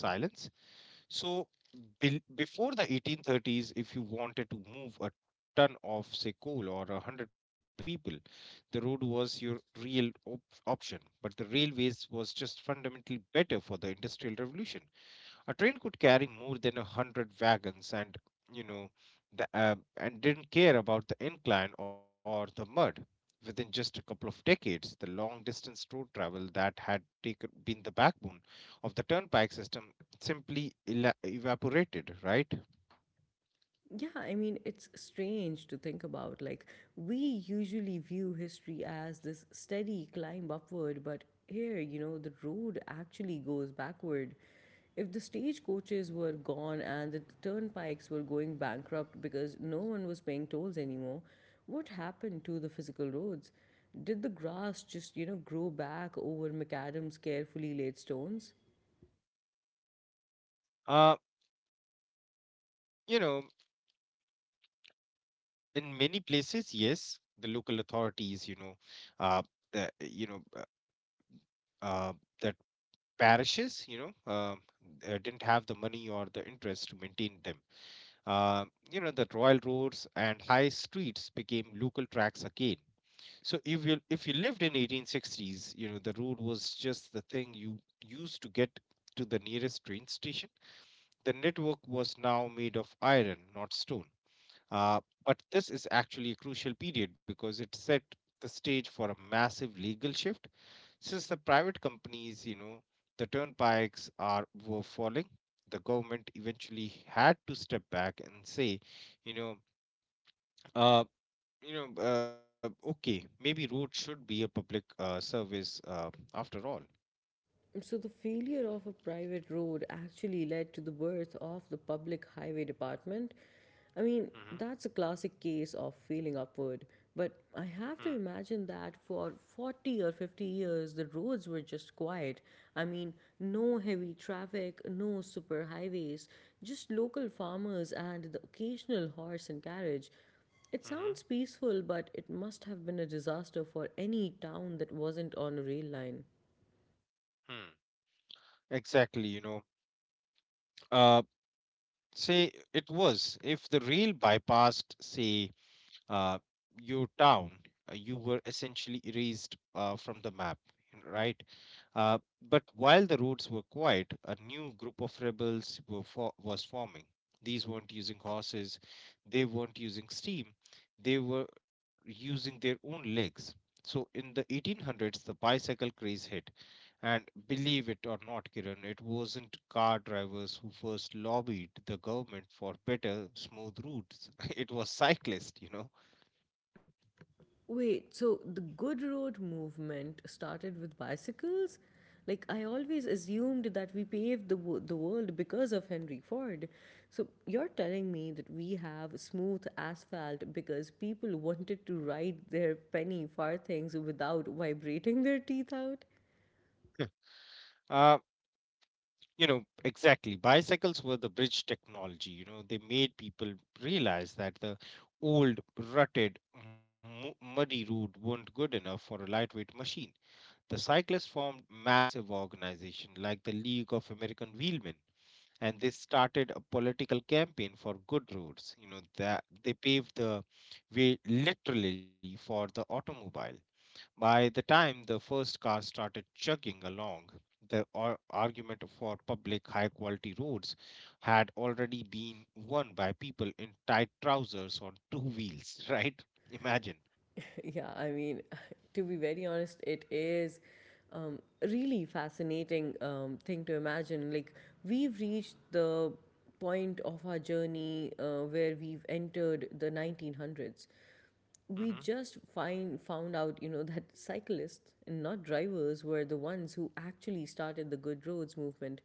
So before the 1830s, if you wanted to move a ton of, say, coal or 100 people, the road was your real option. But the railways was just fundamentally better for the Industrial Revolution. A train could carry more than 100 wagons, you know, and didn't care about the incline or the mud. Within just a couple of decades, the long distance road travel that had been the backbone of the turnpike system simply evaporated, right? Yeah, I mean, it's strange to think about. Like, we usually view history as this steady climb upward, but here, you know, the road actually goes backward. If the stagecoaches were gone and the turnpikes were going bankrupt because no one was paying tolls anymore, what happened to the physical roads? Did the grass just, you know, grow back over macadam's carefully laid stones? Uh, you know, in many places, yes, the local authorities, you know, uh, the, you know, uh, that parishes, didn't have the money or the interest to maintain them. Uh, the royal roads and high streets became local tracks again. So if you lived in 1860s, you know, the road was just the thing you used to get to the nearest train station. The network was now made of iron, not stone. Uh, but this is actually a crucial period because it set the stage for a massive legal shift since the private companies, you know, the turnpikes are were falling. The government eventually had to step back and say, you know, uh, okay, maybe roads should be a public service after all. So, the failure of a private road actually led to the birth of the public highway department. I mean, Mm-hmm. that's a classic case of failing upward, but I have to Hmm. imagine that for 40 or 50 years the roads were just quiet. I mean, no heavy traffic, no super highways, just local farmers and the occasional horse and carriage. It sounds Mm-hmm. peaceful, but it must have been a disaster for any town that wasn't on a rail line. Hmm. Exactly, you know, uh, say it was if the rail bypassed, your town, you were essentially erased from the map, right? Uh, but while the roads were quiet, a new group of rebels was forming. These weren't using horses, they weren't using steam, they were using their own legs. So in the 1800s, the bicycle craze hit, and believe it or not, Kiran, it wasn't car drivers who first lobbied the government for better, smooth routes. It was cyclists, you know. Wait, so the Good Road movement started with bicycles? Like, I always assumed that we paved the world because of Henry Ford. So, you're telling me that we have smooth asphalt because people wanted to ride their penny farthings without vibrating their teeth out? Uh, exactly. Bicycles were the bridge technology. You know, they made people realize that the old, rutted, muddy route weren't good enough for a lightweight machine. The cyclists formed massive organizations like the League of American Wheelmen, and they started a political campaign for good roads. You know, that they paved the way literally for the automobile. By the time the first car started chugging along, the argument for public high quality roads had already been won by people in tight trousers on two wheels, right? Imagine. Yeah, I mean, to be very honest, it is a really fascinating thing to imagine. Like, we've reached the point of our journey where we've entered the 1900s. We Mm-hmm. just find found out, you know, that cyclists and not drivers were the ones who actually started the good roads movement.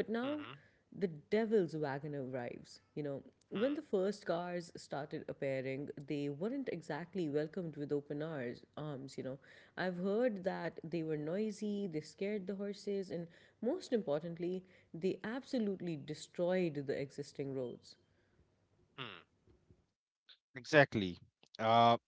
But now Mm-hmm. the devil's wagon arrives, you know. When the first cars started appearing, they weren't exactly welcomed with open arms, you know. I've heard that they were noisy, they scared the horses, and most importantly, they absolutely destroyed the existing roads. Mm-hmm. Exactly. Uh,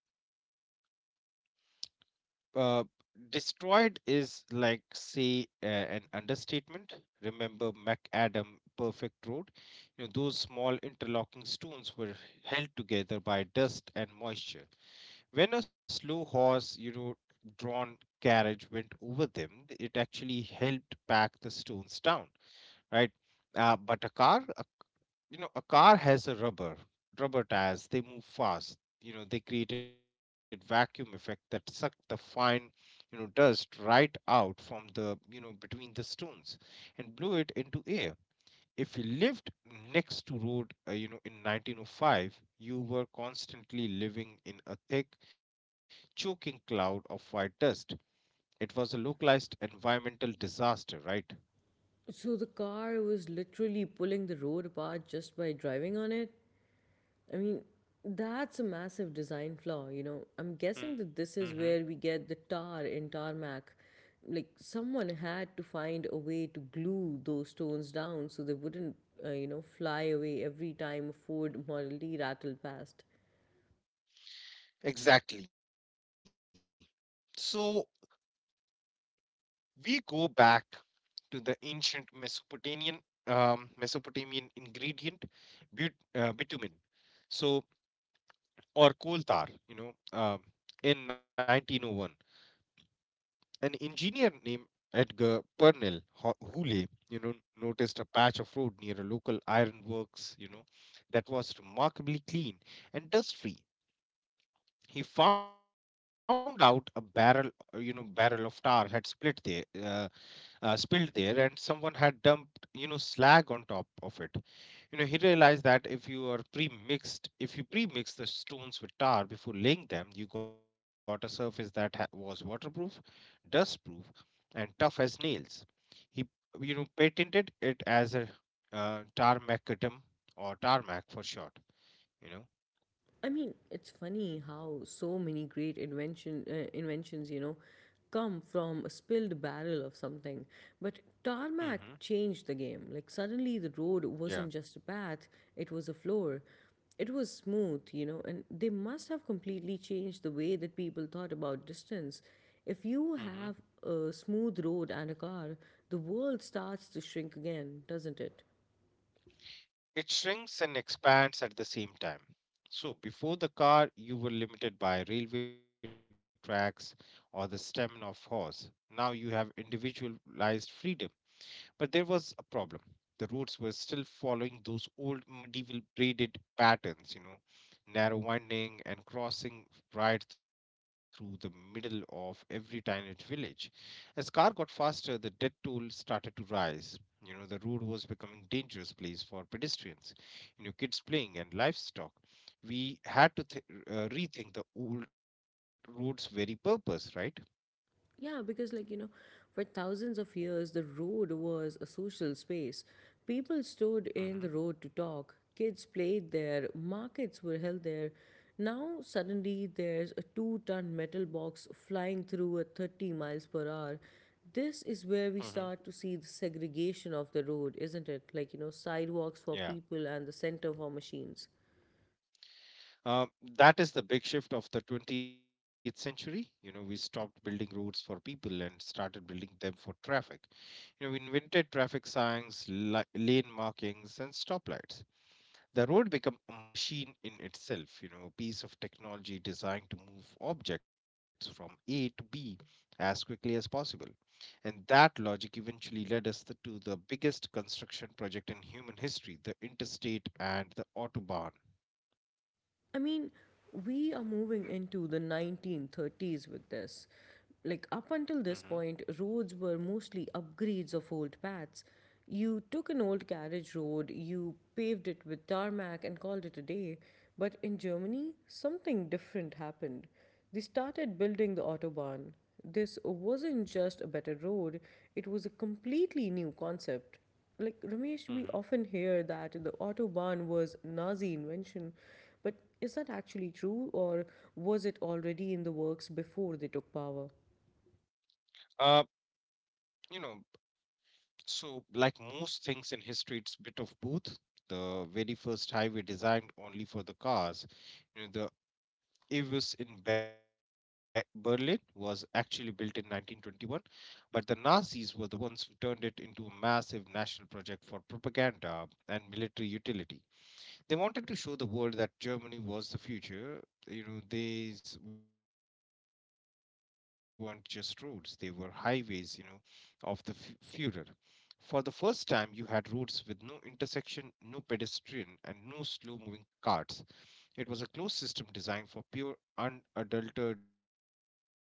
uh, destroyed is, like, say, an understatement. Remember MacAdam Perfect Road? You know, those small interlocking stones were held together by dust and moisture. When a slow horse, you know, drawn carriage went over them, it actually helped pack the stones down, right? But a car has a rubber tires. They move fast. You know, they created vacuum effect that sucked the fine, you know, dust right out from the, you know, between the stones and blew it into air. If you lived next to road in 1905, you were constantly living in a thick, choking cloud of white dust. It was a localized environmental disaster, right? So the car was literally pulling the road apart just by driving on it? I mean, that's a massive design flaw, you know. I'm guessing Hmm. that this is where we get the tar in tarmac. Like, someone had to find a way to glue those stones down so they wouldn't, you know, fly away every time a Ford Model D rattled past. Exactly. So we go back to the ancient Mesopotamian ingredient, but, bitumen, so, or coal tar, you know. um in 1901, an engineer named Edgar Purnell Hooley, you know, noticed a patch of road near a local ironworks, you know, that was remarkably clean and dust-free. He found out a barrel of tar had spilled there, and someone had dumped, you know, slag on top of it. You know, he realized that if you pre-mix the stones with tar before laying them, you got a surface that was waterproof, dustproof, and tough as nails. He patented it as a tarmacadam, or tarmac for short, you know. I mean, it's funny how so many great inventions, you know, come from a spilled barrel of something. But tarmac Mm-hmm. changed the game. Like, suddenly the road wasn't Yeah. just a path, it was a floor. It was smooth, you know, and they must have completely changed the way that people thought about distance. If you have a smooth road and a car, the world starts to shrink again, doesn't it? It shrinks and expands at the same time. So, before the car, you were limited by railway tracks or the stamina of horse. Now you have individualized freedom. But there was a problem. The roads were still following those old medieval braided patterns, you know, narrow winding and crossing right through the middle of every tiny village. As car got faster, the death toll started to rise. You know, the road was becoming dangerous place for pedestrians, you know, kids playing and livestock. We had to rethink the old road's very purpose, right? Yeah, because, like, you know, for thousands of years, the road was a social space. People stood Hmm. in the road to talk, kids played there, markets were held there. Now, suddenly, there's a two-ton metal box flying through at 30 miles per hour. This is where Hmm. we start to see the segregation of the road, isn't it? Like, you know, sidewalks Yeah. for people and the center for machines. Uh, that is the big shift of the 20th century. You know, we stopped building roads for people and started building them for traffic. You know, we invented traffic signs, lane markings, and stoplights. The road became a machine in itself, you know, a piece of technology designed to move objects from A to B as quickly as possible. And that logic eventually led us to the biggest construction project in human history, the interstate and the Autobahn. I mean, we are moving into the 1930s with this. Like, up Mm-hmm. until this point, roads were mostly upgrades of old paths. You took an old carriage road, you paved it with tarmac and called it a day. But in Germany, something different happened. They started building the Autobahn. This wasn't just a better road, it was a completely new concept. Like, Mm-hmm. Ramesh, we often hear that the Autobahn was Nazi invention, but is that actually true, or was it already in the works before they took power? Uh, you know, so, like most things in history, it's a bit of both. The very first highway designed only for the cars, you know, the Avis in Berlin was actually built in 1921, but the Nazis were the ones who turned it into a massive national project for propaganda and military utility. They wanted to show the world that Germany was the future. You know, these weren't just roads; they were highways. You know, of the Führer. For the first time, you had roads with no intersection, no pedestrian, and no slow moving carts. It was a closed system designed for pure, unadulterated speed, you know?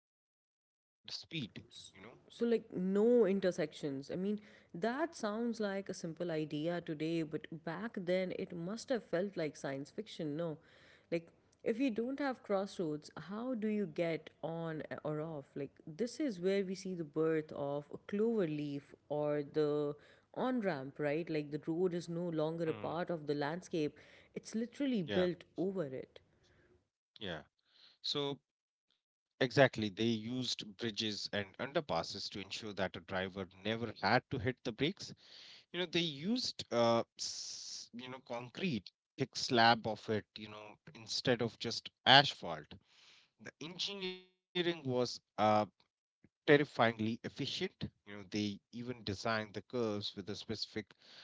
S- So, like, no intersections. I mean, that sounds like a simple idea today, but back then it must have felt like science fiction, no? Like, if you don't have crossroads, how do you get on or off? Like, this is where we see the birth of a clover leaf, or the on ramp, right? Like, the road is no longer a Mm. part of the landscape, it's literally built Yeah, over it. yeah. So, exactly, they used bridges and underpasses to ensure that a driver never had to hit the brakes. You know, they used, you know, concrete, thick slab of it, you know, instead of just asphalt. The engineering was terrifyingly efficient. You know, they even designed the curves with a specific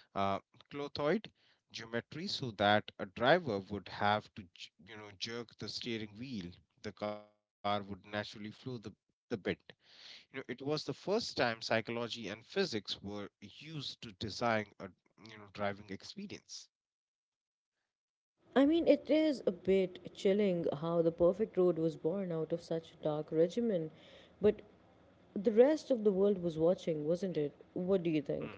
uh, clothoid geometry so that a driver would have to, you know, jerk the steering wheel. The car would naturally flow the bend. You know, it was the first time psychology and physics were used to design a you know driving experience. I mean, it is a bit chilling how the perfect road was born out of such a dark regimen, but the rest of the world was watching, wasn't it? What do you think?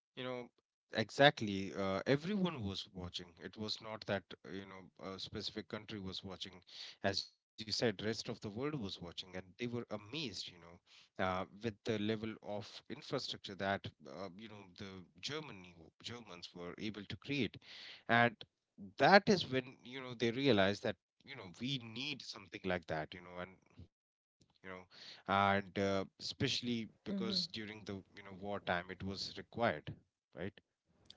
You know, exactly. Everyone was watching. It was not that, you know, a specific country was watching. As you said, rest of the world was watching, and they were amazed, you know, with the level of infrastructure that, you know, the Germans were able to create. And that is when, you know, they realized that, you know, we need something like that, you know and especially because during the you know wartime it was required, right?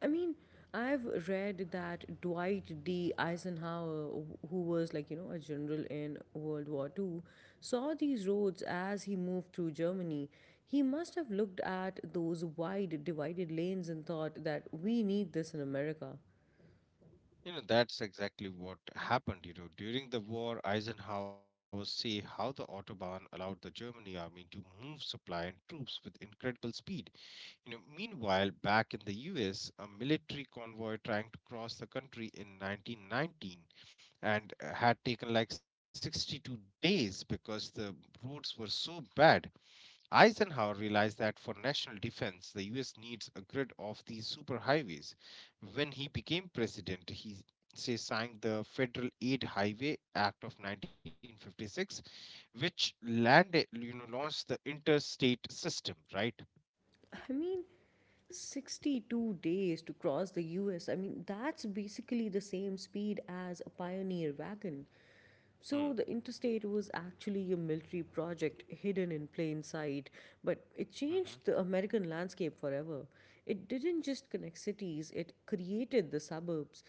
I mean, I've read that Dwight D. Eisenhower, who was, like, you know, a general in World War II, saw these roads as he moved through Germany. He must have looked at those wide, divided lanes and thought that we need this in America. You know, that's exactly what happened. You know, during the war, Eisenhower see how the Autobahn allowed the Germany army to move supply and troops with incredible speed. You know, meanwhile, back in the US, a military convoy trying to cross the country in 1919 and had taken like 62 days because the roads were so bad. Eisenhower realized that for national defense, the US needs a grid of these superhighways. When he became president, he signed the Federal Aid Highway Act of 1956, which landed, you know, launched the interstate system, right? I mean, 62 days to cross the US. I mean, that's basically the same speed as a pioneer wagon. Hmm. So, the interstate was actually a military project hidden in plain sight, but it Mm-hmm. changed the American landscape forever. It didn't just connect cities, it created the suburbs.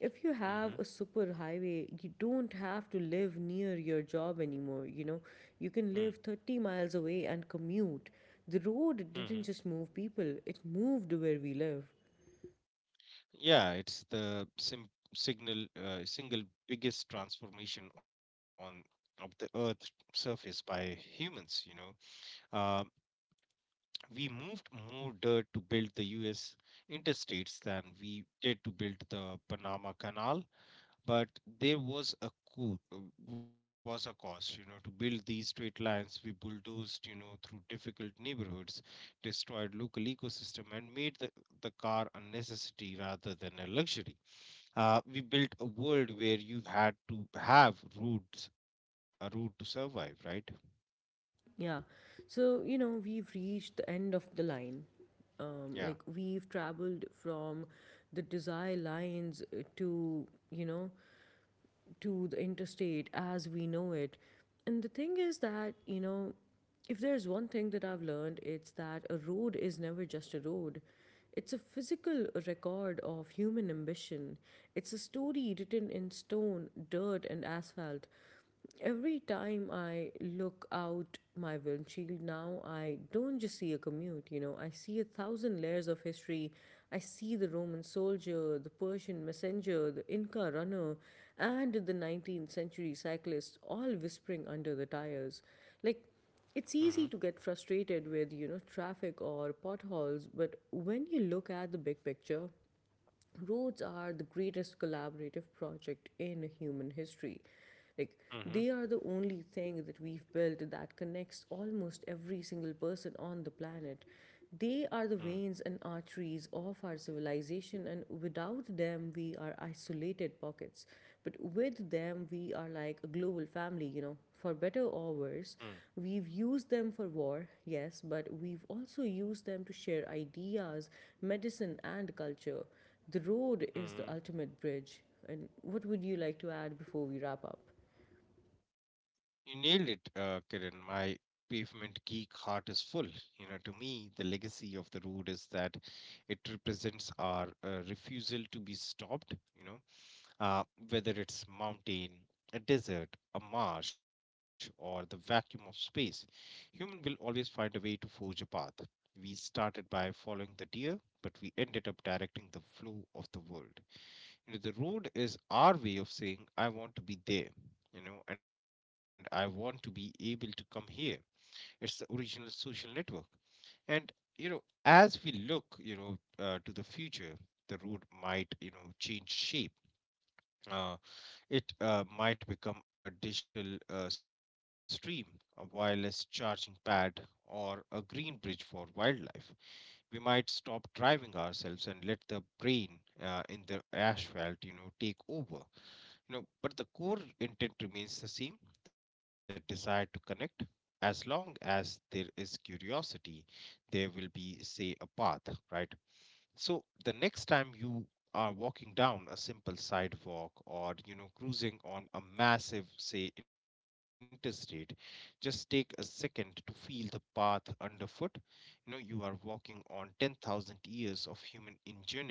If you have Mm-hmm. a super highway, you don't have to live near your job anymore. You know, you Hmm. can live 30 miles away and commute. The road Mm-hmm. didn't just move people, it moved where we live. Yeah, it's the sim- signal single biggest transformation on of the Earth's surface by humans. You know, uh, we moved more dirt to build the US interstates than we did to build the Panama Canal, but there was a co- uh, cost, you know, to build these straight lines. We bulldozed, you know, through difficult neighborhoods, destroyed local ecosystem, and made the car a necessity rather than a luxury. We built a world where you had to have routes, a route to survive, right? Yeah. So, you know, we've reached the end of the line. Yeah. Like, we've traveled from the desire lines to, you know, to the interstate as we know it. And the thing is that, you know, if there's one thing that I've learned, it's that a road is never just a road. It's a physical record of human ambition. It's a story written in stone, dirt, and asphalt. Every time I look out my windshield now, I don't just see a commute, you know, I see a thousand layers of history. I see the Roman soldier, the Persian messenger, the Inca runner, and the 19th century cyclist all whispering under the tires. Like, Mm-hmm. it's easy to get frustrated with, you know, traffic or potholes, but when you look at the big picture, roads are the greatest collaborative project in human history. Like, Mm-hmm. they are the only thing that we've built that connects almost every single person on the planet. They are the veins and arteries of our civilization, and without them, we are isolated pockets. But with them, we are like a global family, you know. For better or worse, we've used them for war, yes, but we've also used them to share ideas, medicine, and culture. The road is the Mm-hmm. ultimate bridge. And what would you like to add before we wrap up? You nailed it, Kiran. My pavement geek heart is full. You know, to me, the legacy of the road is that it represents our refusal to be stopped, you know, uh, whether it's mountain, a desert, a marsh, or the vacuum of space. Human will always find a way to forge a path. We started by following the deer, but we ended up directing the flow of the world. You know, the road is our way of saying, I want to be there, you know, and I want to be able to come here. It's the original social network. And, you know, as we look, you know, to the future, the road might, you know, change shape. Uh, it might become a digital stream, a wireless charging pad, or a green bridge for wildlife. We might stop driving ourselves and let the brain in the asphalt, you know, take over. You know, but the core intent remains the same, the desire to connect. As long as there is curiosity, there will be say a path, right? So the next time you are walking down a simple sidewalk or you know cruising on a massive say interstate, just take a second to feel the path underfoot. You know, you are walking on 10,000 years of human ingenuity.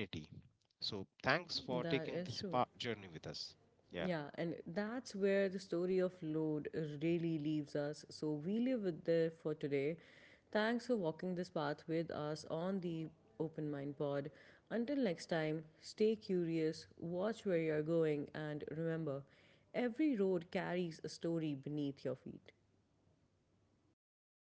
So thanks for taking That this is true. journey with us. Yeah. Yeah, and that's where the story of Lord really leaves us. So we leave it there for today. Thanks for walking this path with us on the Open Mind Pod. Until next time, stay curious, watch where you're going, and remember every road carries a story beneath your feet. Yeah, thank you.